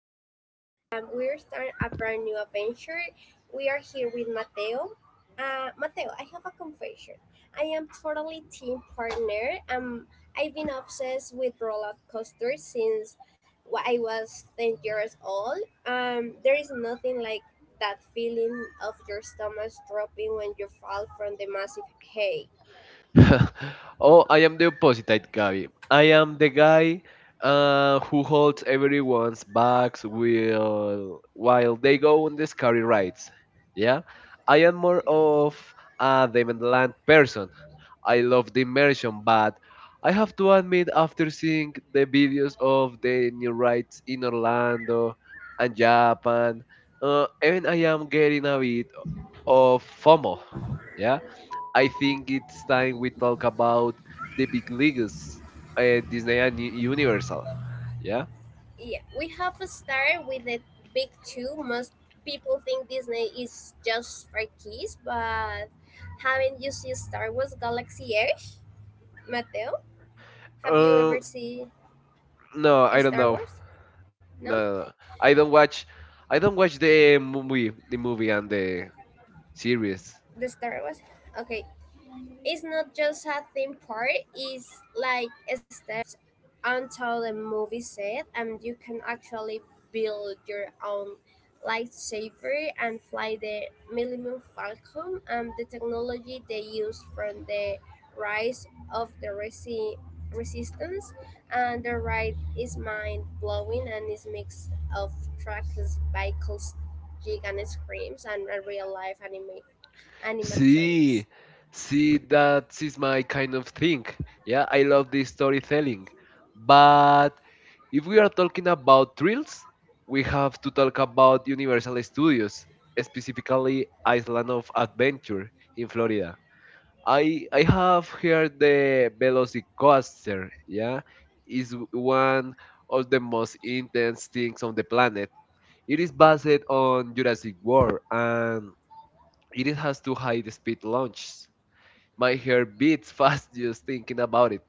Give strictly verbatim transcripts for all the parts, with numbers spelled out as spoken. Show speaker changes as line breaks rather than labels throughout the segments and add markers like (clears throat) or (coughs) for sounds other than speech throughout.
host today, and we're starting a brand new adventure. We are here with Mateo. Uh, Mateo, I have a confession. I am totally team partner. Um, I've been obsessed with roller coasters since wh- I was ten years old. Um, there is nothing like that feeling of your stomach dropping when you fall from the massive hay.
(laughs) Oh, I am the opposite, Gabby. I am the guy uh, who holds everyone's bags while while they go on the scary rides. Yeah, I am more of a Demonland person. I love the immersion, but I have to admit, after seeing the videos of the new rides in Orlando and Japan, uh, even I am getting a bit of FOMO. Yeah? I think it's time we talk about the big leagues, uh, Disney and U- Universal. Yeah.
Yeah, we have a star with the big two. Most people think Disney is just for kids, but haven't you seen Star Wars Galaxy Edge? Mateo, have you
Uh,
ever seen
no, I don't
Star
know.
Wars? No?
No, no, no. I don't watch. I don't watch the movie, the movie and the series.
The Star Wars? Okay, it's not just a theme park, it's like steps onto the movie set, and you can actually build your own lightsaber and fly the Millennium Falcon, and the technology they used from the rise of the Resi- resistance and the ride is mind-blowing and is mix of trackless vehicles, gig and screams, and real-life anime
See,
animatronics.
see, that is my kind of thing. Yeah, I love this storytelling. But if we are talking about thrills, we have to talk about Universal Studios, specifically Island of Adventure in Florida. I I have heard the Velocicoaster, yeah, is one of the most intense things on the planet. It is based on Jurassic World and it has two high speed launches. My hair beats (laughs) fast just thinking about it.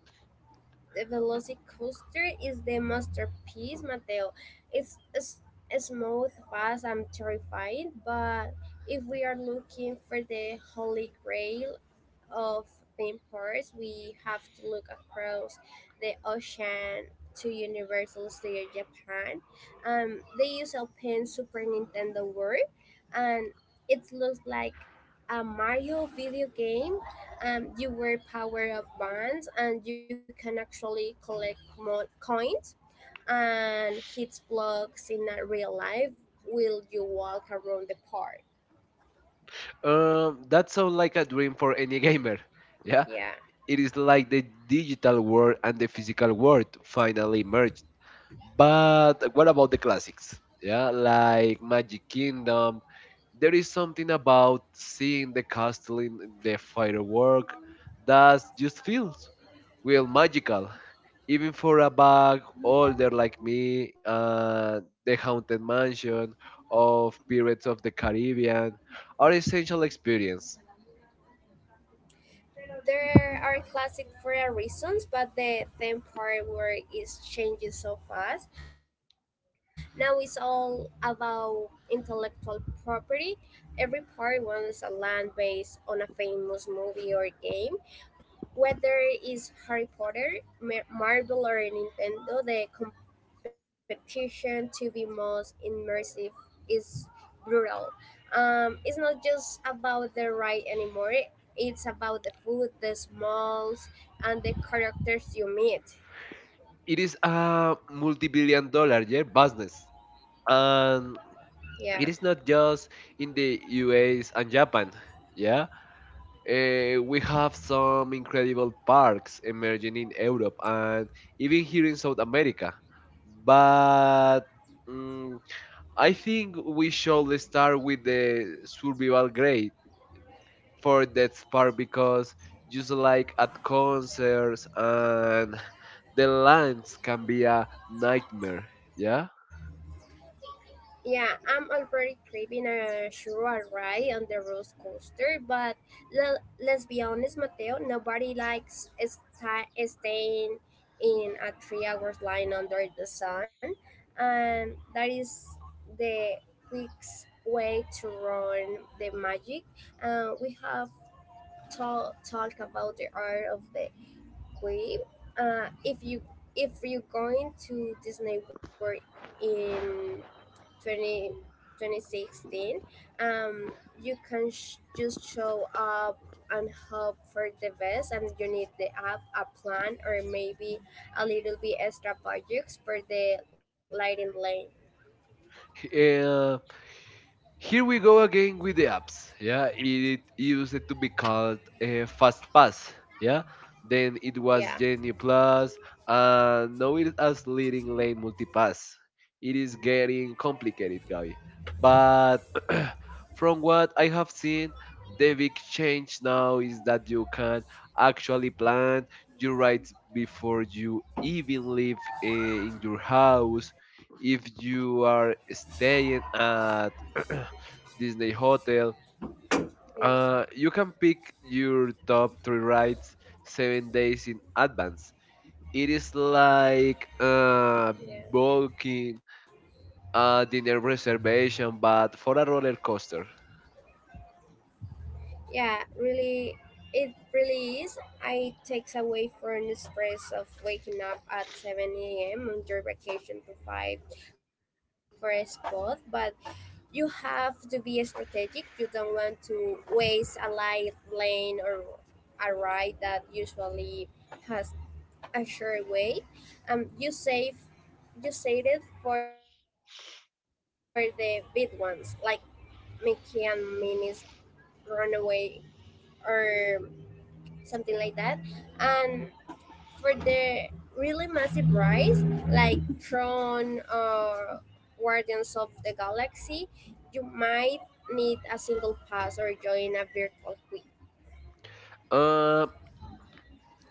The Velocicoaster is the masterpiece, Mateo. It's, s- smooth, fast, and terrifying. But if we are looking for the holy grail of vampires, we have to look across the ocean to Universal Studio Japan. Um, they use a pin Super Nintendo World, and it looks like a Mario video game. Um, you wear power up bands, and you can actually collect mo- coins and hit blocks in a real life while you walk around the park.
Um, that sounds like a dream for any (laughs) gamer. Yeah,
Yeah.
it is like the digital world and the physical world finally merged. But what about the classics? Yeah, like Magic Kingdom. There is something about seeing the castle in the firework that just feels real magical. Even for a bag older like me, uh, the Haunted Mansion of Pirates of the Caribbean are essential experience.
There are classic for a reasons, but the theme part where is changing so fast. Now it's all about intellectual property. Every part wants a land based on a famous movie or game. Whether it's Harry Potter, Mar- Marvel, or Nintendo, the competition to be most immersive is brutal. Um, it's not just about the ride anymore, it's about the food, the smells, and the characters you meet.
It is a multi-billion dollar, yeah, business, and it is
Yeah.
not just in the U S and Japan. Yeah, Eh, we have some incredible parks emerging in Europe and even here in South America. But mm, I think we should start with the survival grade for that park because just like at concerts and the lines can be a nightmare. Yeah.
Yeah, I'm already craving a sure ride on the roller coaster, but le- let's be honest, Mateo, nobody likes sta- staying in a three hours line under the sun, and that is the quick way to run the magic. Uh, we have talk talk about the art of the queen. Uh, if you if you're going to Disney World in Twenty, twenty sixteen, um, you can sh- just show up and hope for the best, and you need the app, a plan, or maybe a little bit extra projects for the lighting lane.
Eh, Here we go again with the apps. Yeah, it used to be called uh, Fast Pass. Yeah, then it
Yeah,
was Genie Plus, and now it is leading lane multipass. It is getting complicated, Gabi. But (clears throat) from what I have seen, the big change now is that you can actually plan your rides before you even leave uh, in your house. If you are staying at (clears throat) Disney
yeah,
Hotel. Uh, you can pick your top three rides seven days in advance. It is like
yeah,
uh, booking a dinner reservation, but for a roller coaster.
yeah, really. It really is. I takes away from the stress of waking up at seven a.m on your vacation to fight for a spot, but you have to be strategic. You don't want to waste a light lane or a ride that usually has a short wait. Um, you save you save it for the big ones, like Mickey and Minnie's Runaway or something like that. And for the really massive rise, like Tron or Guardians of the Galaxy, you might need a single pass or join a virtual queue.
Uh,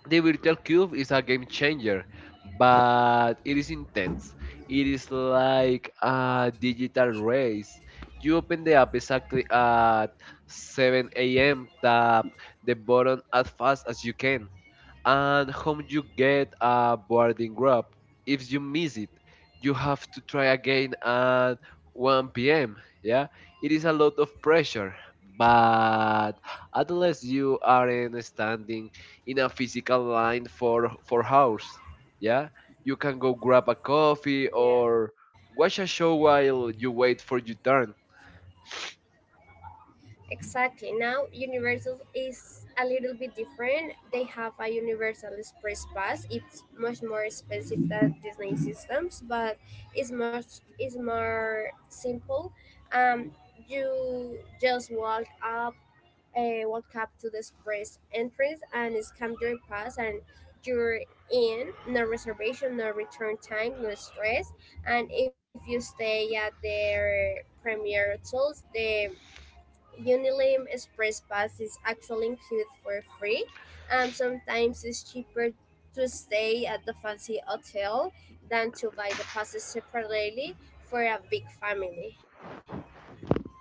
the virtual cube is a game changer, but it is intense. It is like a digital race. You open the app exactly at seven a m. Tap the button as fast as you can, and home you get a boarding grab. If you miss it, you have to try again at one p m. Yeah, it is a lot of pressure, but at least you aren't standing in a physical line for for hours. Yeah, you can go grab a coffee
Yeah,
or watch a show while you wait for your turn.
exactly. Now Universal is a little bit different. They have a Universal Express Pass. It's much more expensive than Disney systems, but it's much it's more simple. Um, you just walk up uh, walk up to the express entrance and scan your pass, and you're in. No reservation, no return time, no stress. And if you stay at their premier hotels, the unilim express pass is actually included for free. um, sometimes it's cheaper to stay at the fancy hotel than to buy the passes separately for a big family.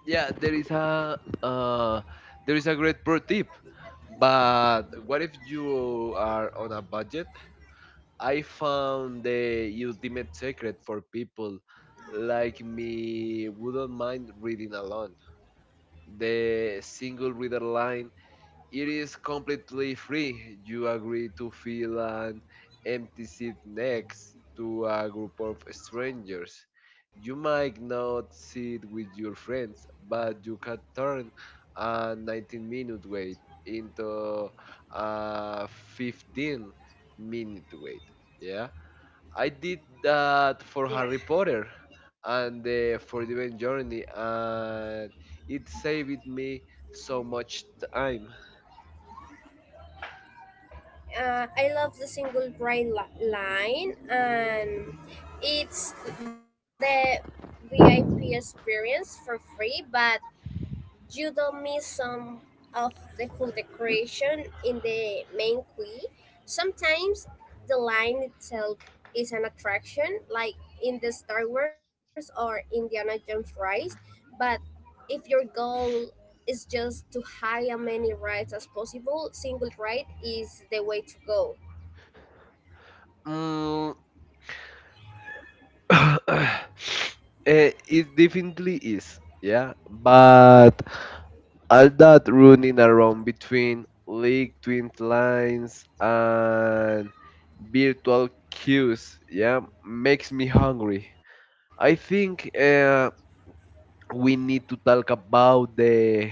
yeah, there is a uh, there is a great pro tip. But what if you are on a budget? I found the ultimate secret for people like me wouldn't mind reading alone. The single reader line, it is completely free. You agree to fill an empty seat next to a group of strangers. You might not sit with your friends, but you can turn a nineteen minute wait into a fifteen minute wait. Yeah. I did that for
Yeah.
Harry Potter and the Forbidden Journey, and it saved me so much time.
uh, I love the single bright li- line, and it's the V I P experience for free, but you don't miss some of the cool decoration in the main quay. Sometimes the line itself is an attraction, like in the Star Wars or Indiana Jones rides, but if your goal is just to hire many rides as possible, single ride is the way to go.
Mm, (coughs) eh, it definitely is. Yeah, but all that running around between league twin lines and virtual queues, yeah, makes me hungry. I think uh, we need to talk about the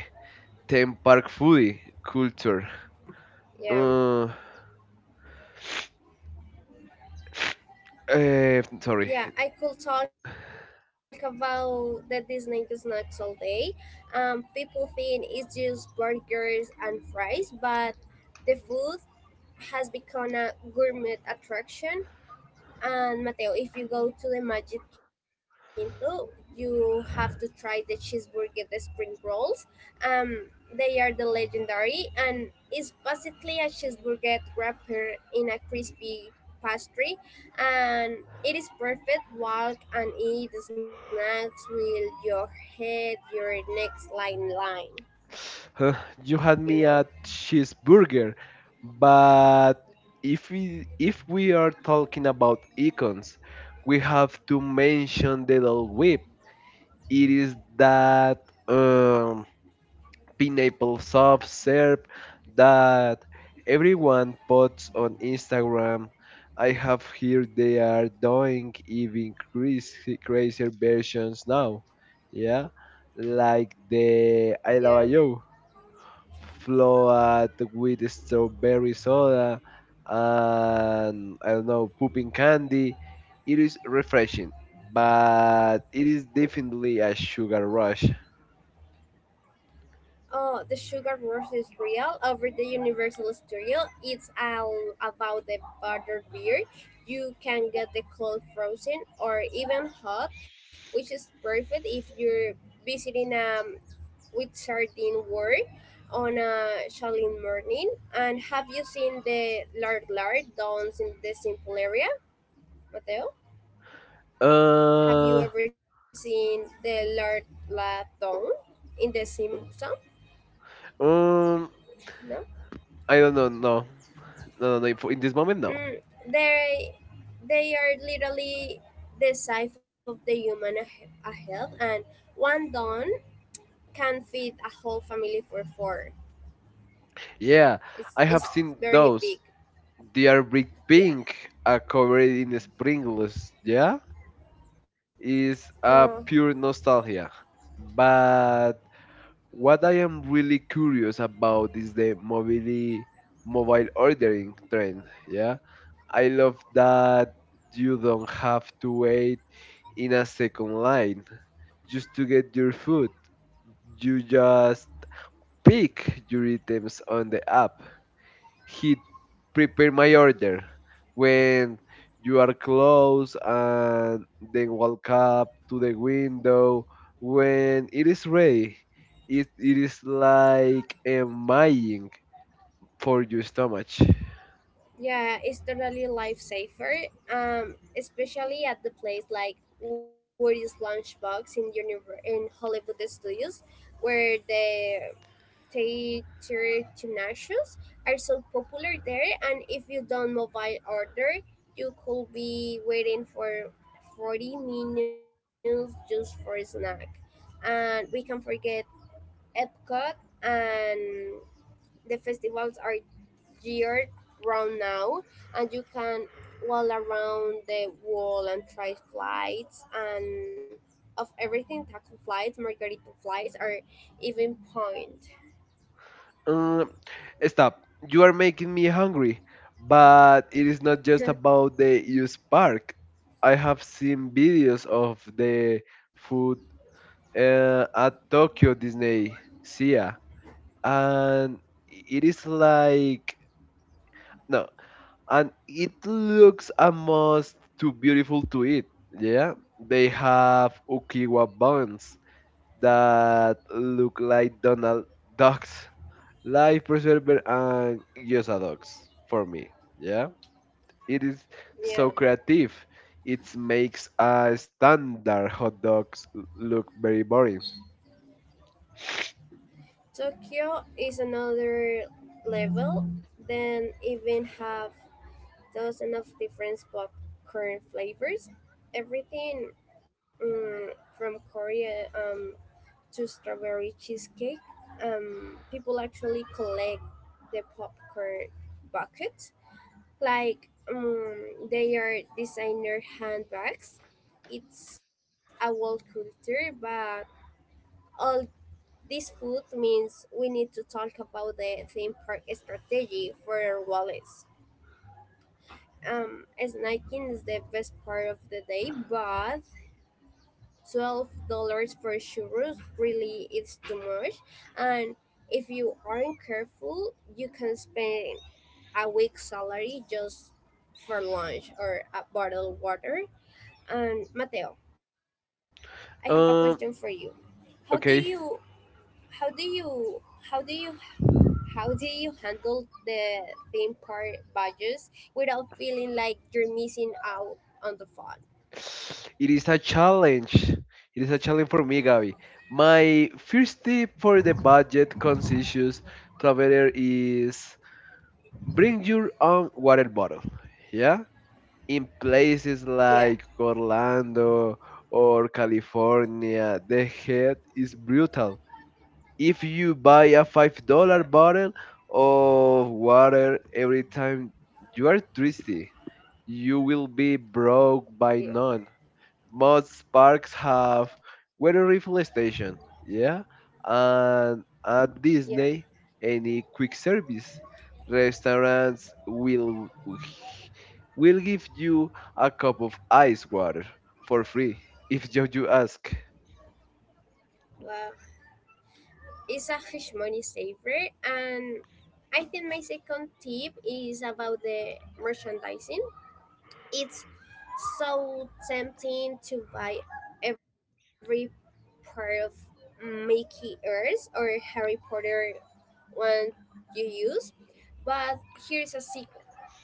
theme park foodie culture.
Yeah,
Uh, eh, Sorry.
yeah, I could talk about the Disney snacks all day. Um, people think it's just burgers and fries, but the food has become a gourmet attraction. And Mateo, if you go to the Magic Kingdom, you have to try the cheeseburger, the spring rolls. Um, they are the legendary, and it's basically a cheeseburger wrapper in a crispy pastry, and it is perfect. Walk and eat snacks with your head, your next line line.
Huh, you had
You
me
know,
at cheeseburger, but if we if we are talking about icons, we have to mention the Dole Whip. It is that um, pineapple soft serve that everyone puts on Instagram. I have heard they are doing even crazy, crazier versions now. Yeah, like the I
yeah.
Love You float with strawberry soda and I don't know, pooping candy. It is refreshing, but it is definitely a sugar rush.
Oh, the sugar rush is real. Over the universal studio, it's all about the butter beer. You can get the cold frozen or even hot, which is perfect if you're visiting um with sardine world on a chilly morning. And have you seen the lard lard dawns in the simple area, Mateo? Have
Uh,
you ever seen the lard lard dawn in the Simpson?
um,
No.
I don't know. No, no, no. No, for- in this moment, no.
Mm, they they are literally the size of the human a, a health, and one don can feed a whole family for four.
Yeah, I
It's
have
it's
seen
very
those.
big.
They are brick
Yeah.
pink, uh, covered in sprinkles. Yeah, is
Yeah.
a pure nostalgia. But what I am really curious about is the mobility mobile ordering trend. Yeah. I love that you don't have to wait in a second line just to get your food. You just pick your items on the app, he prepared my order. When you are close and then walk up to the window, when it is ready, it, it is like a magic for your stomach.
Yeah, it's totally lifesaver. Um, especially at the place like Woody's Lunchbox in univer- in Hollywood Studios, where the nations are so popular there, and if you don't mobile order, you could be waiting for forty minutes just for a snack. And we can forget epcot, and the festivals are year round now, and you can walk around the wall and try flights and of everything, taco flights, margarita flights, or even point.
Um, Stop. You are making me hungry, but it is not just
(laughs)
about the U S park. I have seen videos of the food uh, at Tokyo Disney Sea, and it is like no, and it looks almost too beautiful to eat. Yeah, they have ukiwa buns that look like donald ducks life preserver and gyoza dogs for me. Yeah, it is so
Yeah.
creative. It makes a standard hot dogs look very boring.
Tokyo is another level. Then even have dozens of different popcorn flavors. Everything, mm, from Korea, um, to strawberry cheesecake. Um, people actually collect the popcorn buckets. Like um, they are designer handbags. It's a world culture, but all this food means we need to talk about the theme park strategy for Wallace. Um, snacking is the best part of the day, but twelve dollars for churros really is too much. And if you aren't careful, you can spend a week's salary just for lunch or a bottle of water. And Mateo, I have a question for you.
um
How do you
okay.
how do you how do you How do you handle the theme park budgets without feeling like you're missing out on the fun?
It is a challenge. It is a challenge for me, Gabi. My first tip for the budget conscious traveler is bring your own water bottle. Yeah? In places
Yeah,
like Orlando or California, the heat is brutal. If you buy a
yeah,
five dollars bottle of water every time you are thirsty, you will be broke by
yeah,
none. Most parks have water refill station, yeah, and
yeah.
at Disney, any quick service restaurants will will give you a cup of ice water for free if you, you ask.
Well, it's a huge money saver, and I think my second tip is about the merchandising. It's so tempting to buy every part of Mickey ears or Harry Potter one you use, but here is a secret.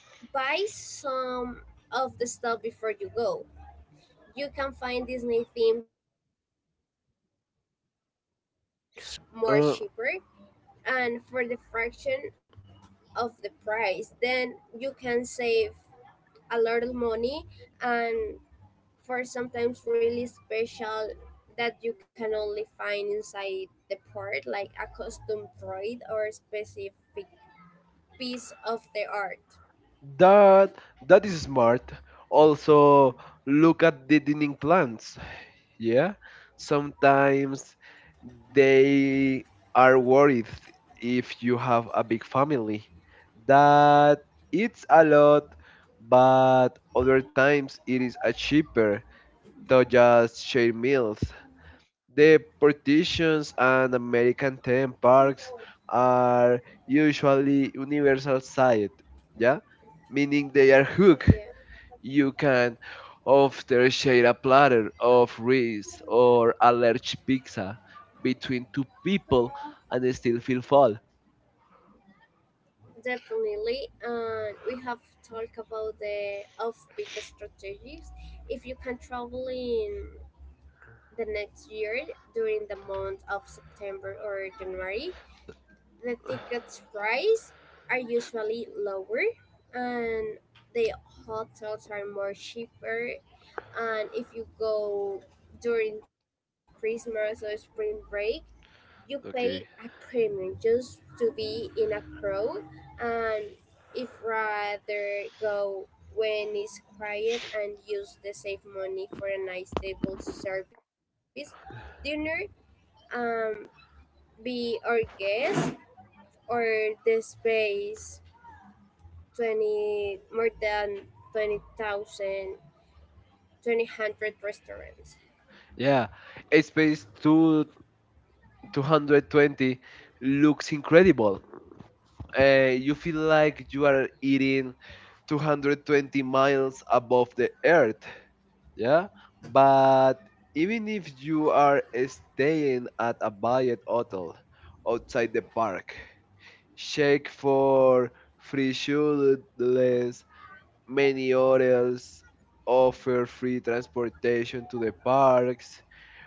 Buy some of the stuff before you go. You can find Disney themed chairs or accessories online, and it's
Uh,
more cheaper and for the fraction of the price. Then you can save a lot of money, and for sometimes really special that you can only find inside the port, like a custom droid or specific piece of the art.
that that is smart. Also, look at the dining plans. Yeah, sometimes they are worried if you have a big family that it's a lot, but other times it is a cheaper to just share meals. The partitions and american theme parks are usually universal site, yeah, meaning they are hooked.
Yeah.
You can often share a platter of rice or a large pizza between two people and still feel full.
Definitely, and we have talked about the off-peak strategies. If you can travel in the next year during the month of September or January, the tickets price are usually lower, and the hotels are more cheaper. And if you go during Christmas or spring break, you pay a
Okay.
premium just to be in a crowd, and if rather go when it's quiet and use the save money for a nice table service dinner, um be our guest or the space twenty more than twenty thousand twenty hundred restaurants.
Yeah, Space 2 220 looks incredible. Uh, you feel
Yeah,
like you are eating two hundred twenty miles above the earth. Yeah, but even if you are staying at a budget hotel outside the park, shake for free shoeless. Many hotels offer free transportation to the parks,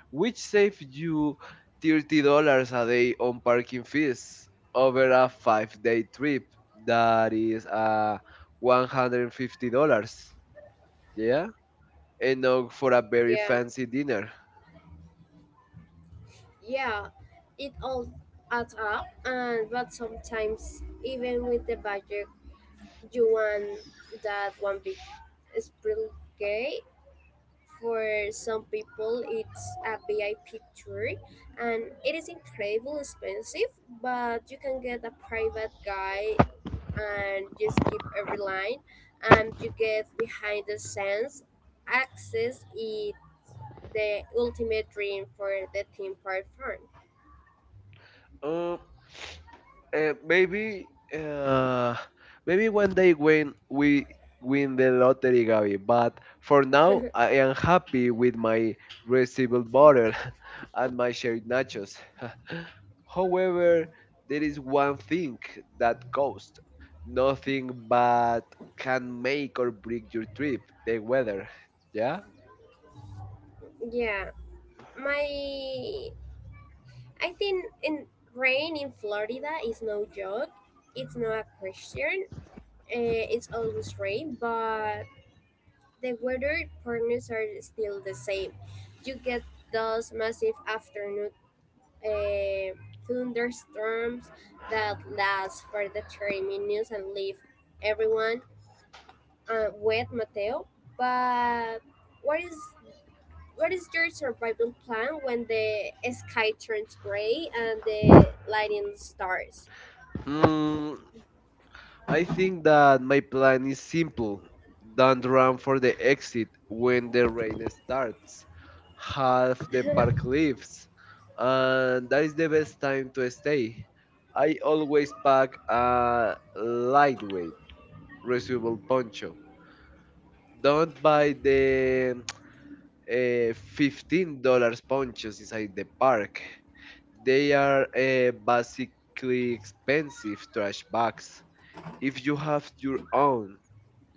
which save you thirty dollars a day on parking fees over a five day trip. That is uh, one hundred fifty dollars. Yeah, enough for a very
yeah,
fancy dinner.
yeah, it all adds up, and but sometimes even with the budget, you want that one big splurge. For some people, it's a V I P tour, and it is incredibly expensive. But you can get a private guide, and you skip every line, and you get behind the scenes access. It the ultimate dream for the theme park fun.
Um, Uh, maybe uh, Maybe one day when we win the lottery, Gabi. But for now,
(laughs)
I am happy with my receivable butter (laughs) and my shared nachos. (laughs) However, there is one thing that costs nothing but can make or break your trip, the weather. Yeah?
Yeah, my I think in rain in Florida is no joke. It's not a question. Uh, it's always rain, but the weather patterns are still the same. You get those massive afternoon uh, thunderstorms that last for the thirty minutes and leave everyone uh, wet, Mateo. But what is What is your survival plan when the sky turns gray and the lightning starts?
Hmm, I think that my plan is simple. Don't run for the exit when the rain starts. Half the park leaves, and that is the best time to stay. I always pack a lightweight, reusable poncho. Don't buy the eh, fifteen dollar ponchos inside the park. They are eh, basically expensive trash bags. If you have your own,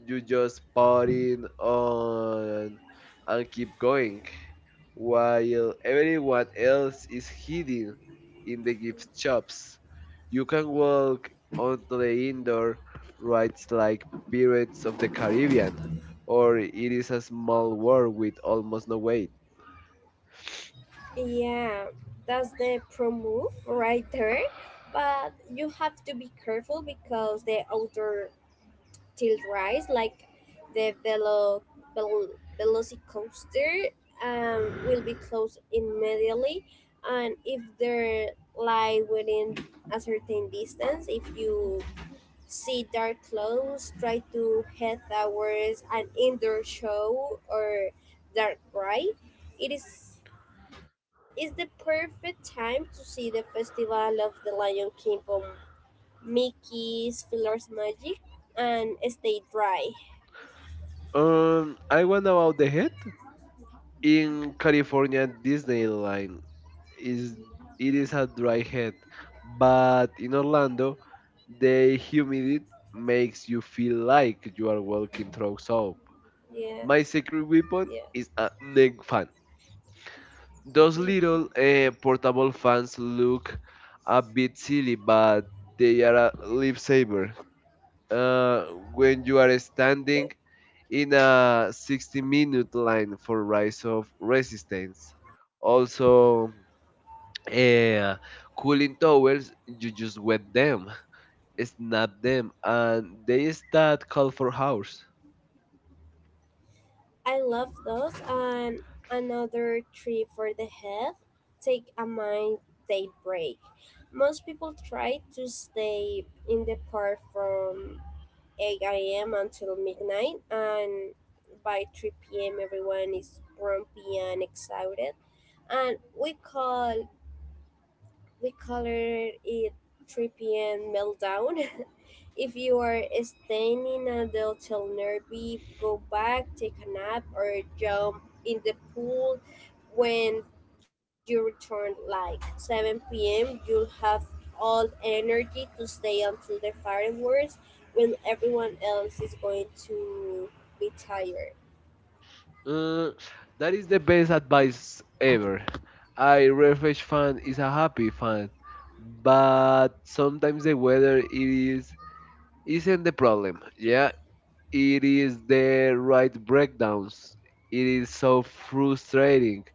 you just partying on and keep going while everyone else is hiding in the gift shops. You can walk onto the indoor rides like Pirates of the Caribbean, or it is a small world with almost no weight.
Yeah, that's the pro move right there. But you have to be careful because the outer tilt rise, like the velo, vel, velocicoaster, um, will be closed immediately. And if they're lie within a certain distance, if you see dark clothes, try to head towards an indoor show or dark ride. It is is the perfect time to see the festival of the Lion King from Mickey's Fiddler's Magic and stay dry.
Um, I want about the head. In California, Disneyland is it is a dry head, but in Orlando, the humidity makes you feel like you are walking through soap.
Yeah,
My secret weapon
yeah.
is a neck fan. Those little eh, portable fans look a bit silly, but they are a lifesaver uh, when you are standing in a sixty minute line for rise of resistance. Also, uh, cooling towers, you just wet them, snap them, and they start call for hours.
I love those, and another trip for the head. Take a mind day break. Most people try to stay in the park from eight a m until midnight, and by three p m, everyone is grumpy and excited. And we call we color it Tripian meltdown. (laughs) If you are staying in a del Nervi, go back, take a nap, or jump in the pool. When you return like seven p m. you'll have all energy to stay until the fireworks when everyone else is going to be tired.
Uh, that is the best advice ever. I refresh fan is a happy fan, but sometimes the weather is isn't the problem. Yeah, it is the right breakdowns. It is so frustrating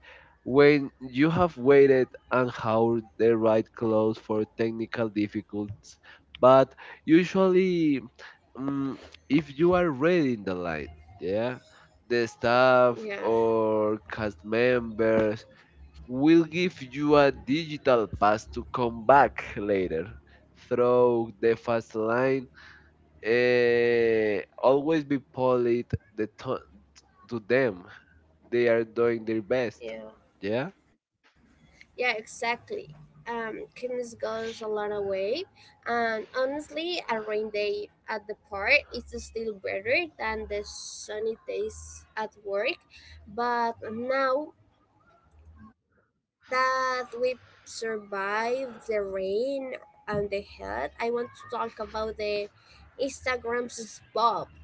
when you have waited and how the right clothes for technical difficulties. But usually, mm, if you are ready in the line, yeah, the staff or cast members will give you a digital pass to come back later through the fast line. Eh, always be polite the to, to them. They are doing their best.
Yeah.
Yeah.
Yeah, exactly. Um, kindness goes a long way, and honestly, a rain day at the park is still better than the sunny days at work. But now that we've survived the rain and the heat, I want to talk about the Instagram spots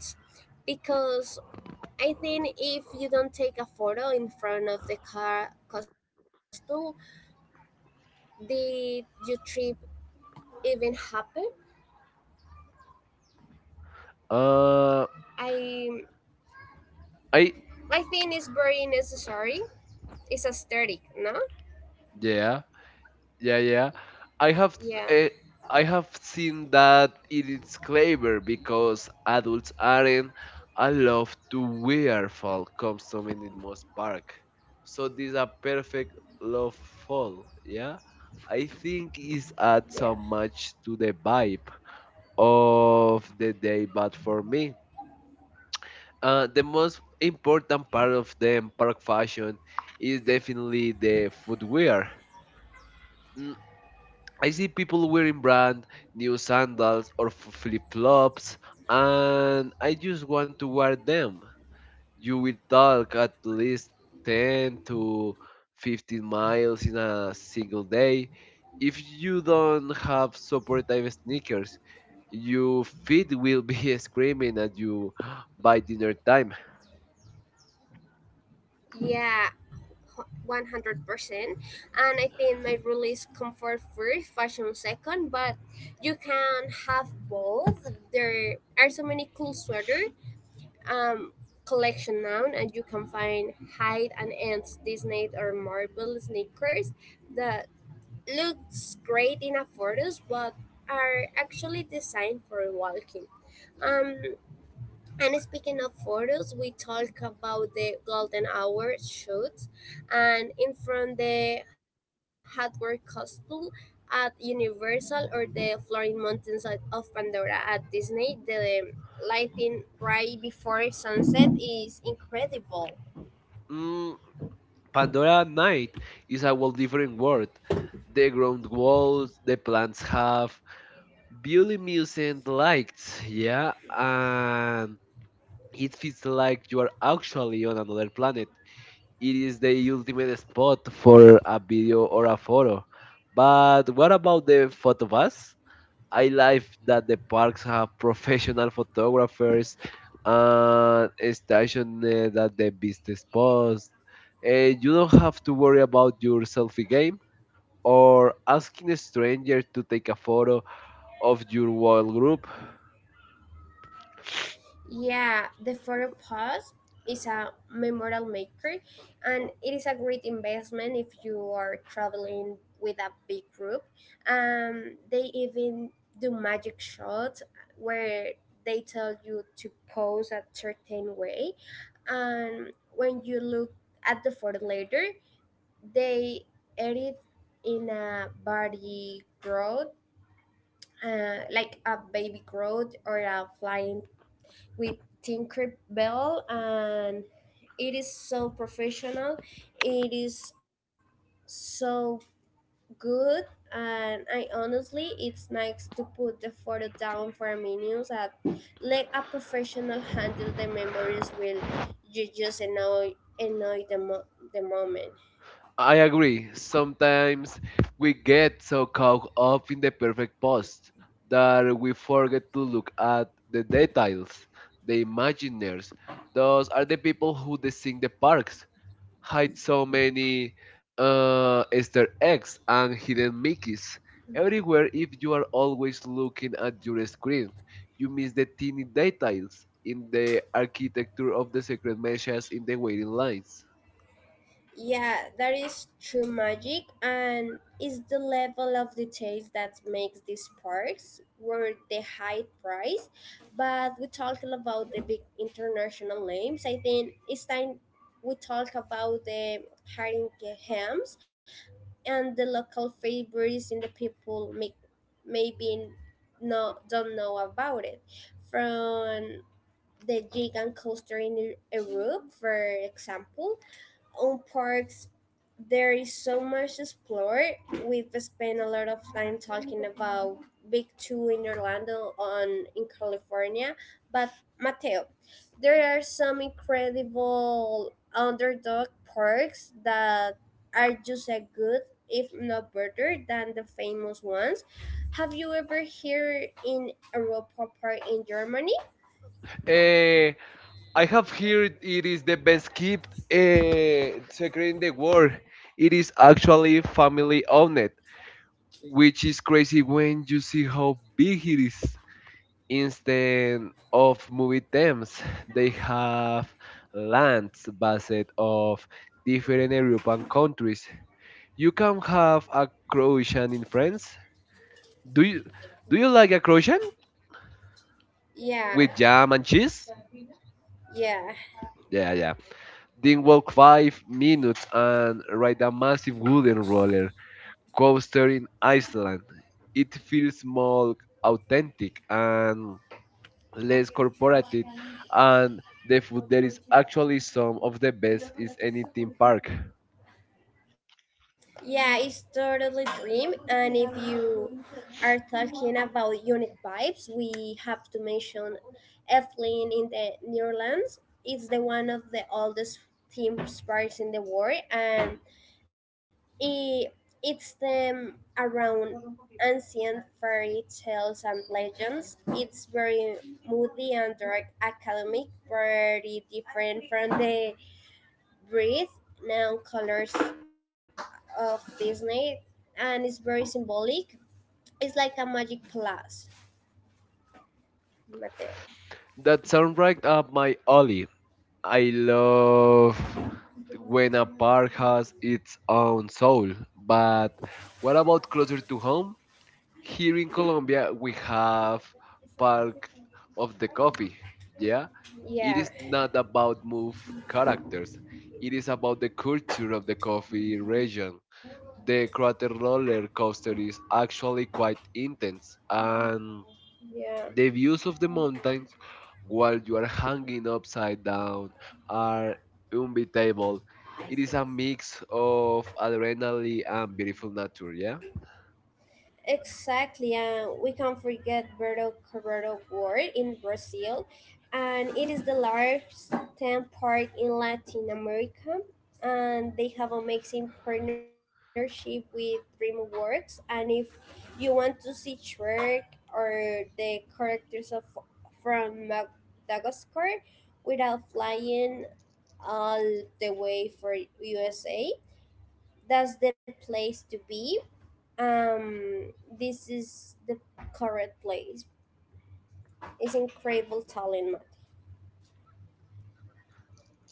because I think if you don't take a photo in front of the car costume, did you trip even happen.
Uh,
I
I
I think it's very necessary. It's aesthetic, no?
Yeah, yeah yeah. I have
Yeah.
uh, I have seen that it is clever because adults aren't allowed to wear fall costume in the most park. So this is a perfect love fall. Yeah. I think it adds so
Yeah.
much to the vibe of the day, but for me, uh, the most important part of the park fashion is definitely the footwear. Mm, I see people wearing brand new sandals or flip flops, and I just want to wear them. You will talk at least ten to fifteen miles in a single day. If you don't have supportive sneakers, your feet will be (laughs) screaming at you (gasps) by dinner time.
Yeah, one hundred percent. And I think my rule is comfort first, fashion second. But you can have both. There are so many cool sweater um collection now, and you can find hide and ends Disney or Marvel sneakers that looks great in a photos but are actually designed for walking. Um, and speaking of photos, we talk about the golden hour shoot and in front the hardware costume at Universal or the Floating Mountains of of Pandora at Disney, the lighting right before sunset is incredible.
Mm, Pandora at night is a whole different world. The ground walls, the plants have bioluminescent lights, yeah, and it feels like you are actually on another planet. It is the ultimate spot for a video or a photo. But what about the photobus? I like that the parks have (laughs) professional photographers and stationed uh, at the business post. Eh, you don't have to worry about your selfie game or asking a stranger to take a photo of your wild group.
Yeah, the photo pass is a memorial maker and it is a great investment if you are traveling with a big group. Um, they even do magic shots where they tell you to pose a certain way. And when you look at the photo later, they edit in a body growth, uh, like a baby growth or a flying with Tinkerbell and it is so professional. It is so good and I honestly it's nice to put the photo down for a minute and let a professional handle the memories will you just annoy annoy the, mo- the moment.
I agree. Sometimes we get so caught up in the perfect post that we forget to look at the details, the imagineers. Those are the people who design the parks, hide so many uh, Easter eggs and hidden Mickeys everywhere. If you are always looking at your screen, you miss the teeny details in the architecture of the secret messages in the waiting lines.
Yeah, that is true magic, and it's the level of details that makes these parks worth the high price. But we talking about the big international names. I think it's time we talk about the Haringehams and the local favorites in the people make maybe no don't know about it. From the gigant coaster in Europe, for example, on parks there is so much to explore. We've spent a lot of time talking about big two in Orlando on in California, but Mateo, there are some incredible underdog parks that are just as good if not better than the famous ones. Have you ever here in Europa Park in Germany?
Eh, I have heard it is the best kept uh, secret in the world. It is actually family owned, which is crazy when you see how big it is. Instead of movie themes, they have lands based of different European countries. You can have a Croatian in France. Do you do you like a Croatian
Yeah.
with jam and cheese?
Yeah.
Yeah, yeah. Then walk five minutes and ride a massive wooden roller coaster in Iceland. It feels more authentic and less corporative, and the food there is actually some of the best is any theme park.
Yeah, it's totally dream. And if you are talking about unique vibes, we have to mention Eflin in the Netherlands. It's the one of the oldest theme parks in the world, and it, it's them around ancient fairy tales and legends. It's very moody and dark academic, very different from the breathe neon colors of Disney and it's very symbolic. It's like a magic plus, Mateo.
That sounds right up my alley. I love when a park has its own soul, but what about closer to home? Here in Colombia we have Park of the Coffee. Yeah, it is
Yeah,
not about move characters. It is about the culture of the coffee region. The crater roller coaster is actually quite intense, and
yeah.
the views of the mountains while you are hanging upside down are unbeatable. It is a mix of adrenaline and beautiful nature. Yeah.
Exactly, and we can't forget Berto Cabral World in Brazil, and it is the largest theme park in Latin America. And they have amazing partnership with DreamWorks. And if you want to see Shrek or the characters of from Madagascar without flying all the way for U S A, that's the place to be. um this is the correct place. It's incredible talent, Matt.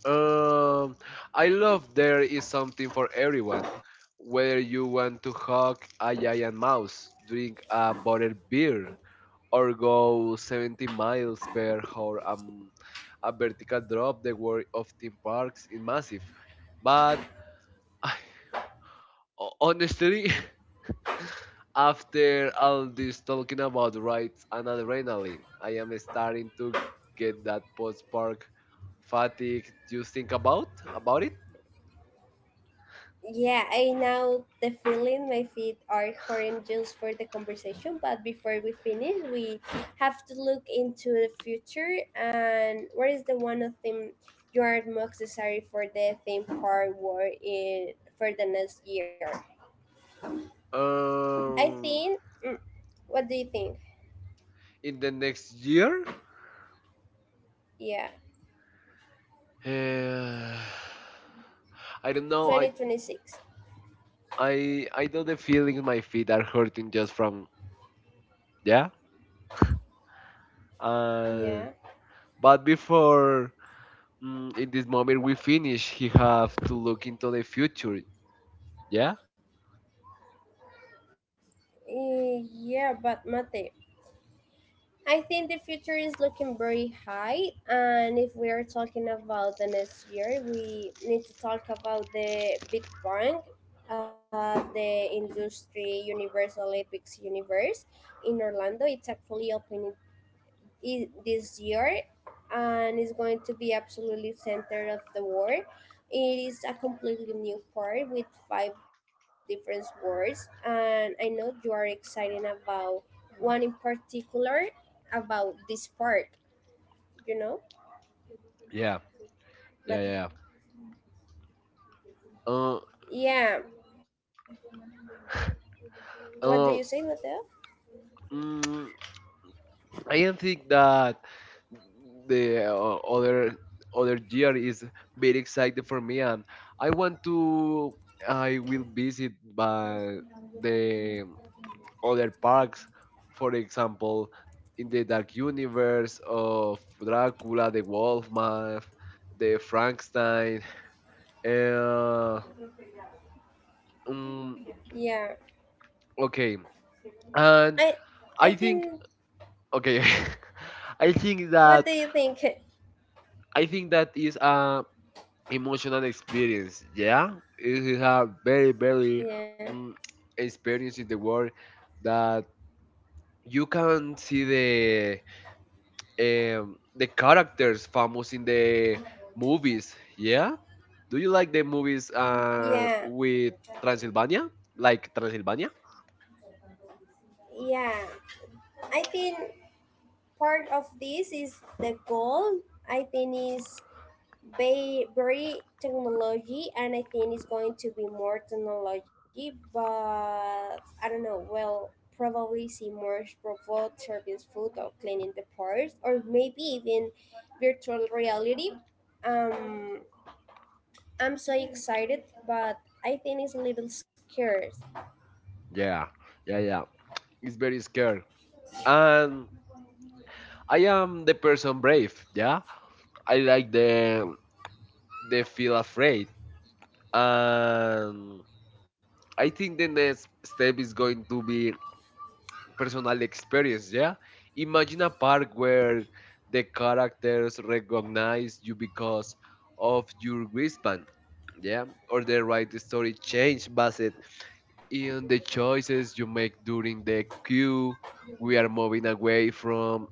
Um, I love there is something for everyone. Whether you want to hug a giant mouse, drink a buttered beer, or go seventy miles per hour um, a vertical drop, the world of theme parks is massive. But (laughs) I, ho- honestly, (laughs) after all this talking about rides and adrenaline, I am starting to get that post park fatigue. Do you think about about it?
Yeah, I know the feeling, my feet are hurting just for the conversation, but before we finish, we have to look into the future. And what is the one of thing you are most necessary for the theme park work in for the next year? I
Um,
think, mm, what do you think?
in the next year, (sighs)
Yeah,
Eh, I don't know. I
twenty twenty-six.
I I know the feeling my feet are hurting just from yeah. Uh,
Yeah.
but before mm, in this moment we finish, he have to look into the future. Yeah,
Eh, yeah, but mate, I think the future is looking very high, and if we are talking about the next year, we need to talk about the Big Bang of the industry Universal Epics Universe in Orlando. It's actually opening i- this year and it's going to be absolutely center of the world. It is a completely new part with five different words and I know you are excited about one in particular about this part, you know?
yeah, yeah,
Mat-
yeah. Uh,
yeah, what do you say,
uh,
Mateo?
mm, I don't think that the uh, other other year is very exciting for me, and I want to. I will visit by the other parks, for example, in the Dark Universe of Dracula, the Wolfman, the Frankenstein. Uh, mm,
Yeah,
okay,
i
and
i
I
think,
think okay, (laughs) I think
what do you
that
think? (laughs)
I think that is a emotional experience. Yeah, it is a very very
Yeah,
mm, experience in the world that you can see the um, the characters famous in the movies. Yeah, do you like the movies
yeah.
uh, with Transylvania? Like Transylvania?
Yeah, I think part of this is the goal. I think is very, very technology, and I think it's going to be more technology. But I don't know. Well, probably see more robots serving food or cleaning the parts, or maybe even virtual reality. Um, I'm so excited, but I think it's a little scarce.
Yeah, yeah, yeah. It's very scary, and I am the person brave. Yeah, I like the the feel afraid and I think the next step is going to be personal experience, yeah? Imagine a park where the characters recognize you because of your wristband, yeah? Or they write the right story change based in the choices you make during the queue. We are moving away from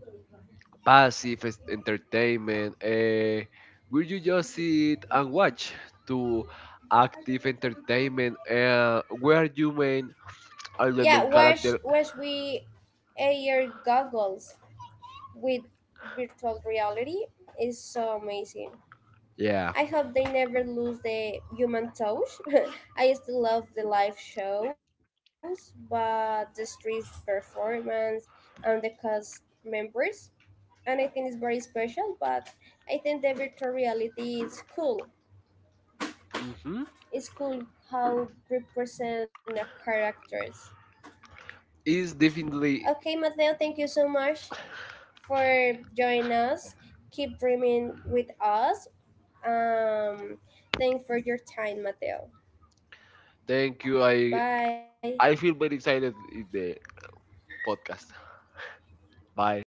passive es- entertainment. Uh, will you just sit and watch to active entertainment uh, where you may are the
Yeah,
main
wash
character.
wash we air goggles with virtual reality is so amazing.
Yeah.
I hope they never lose the human touch. (laughs) I still love the live shows, but the street performance and the cast members, and I think it's very special. But I think the virtual reality is cool.
Hmm.
It's cool how represent the characters.
It's definitely.
Okay, Mateo, thank you so much for joining us. Keep dreaming with us. Um, Thanks for your time, Mateo.
Thank you. I
Bye.
I feel very excited in the podcast. Bye.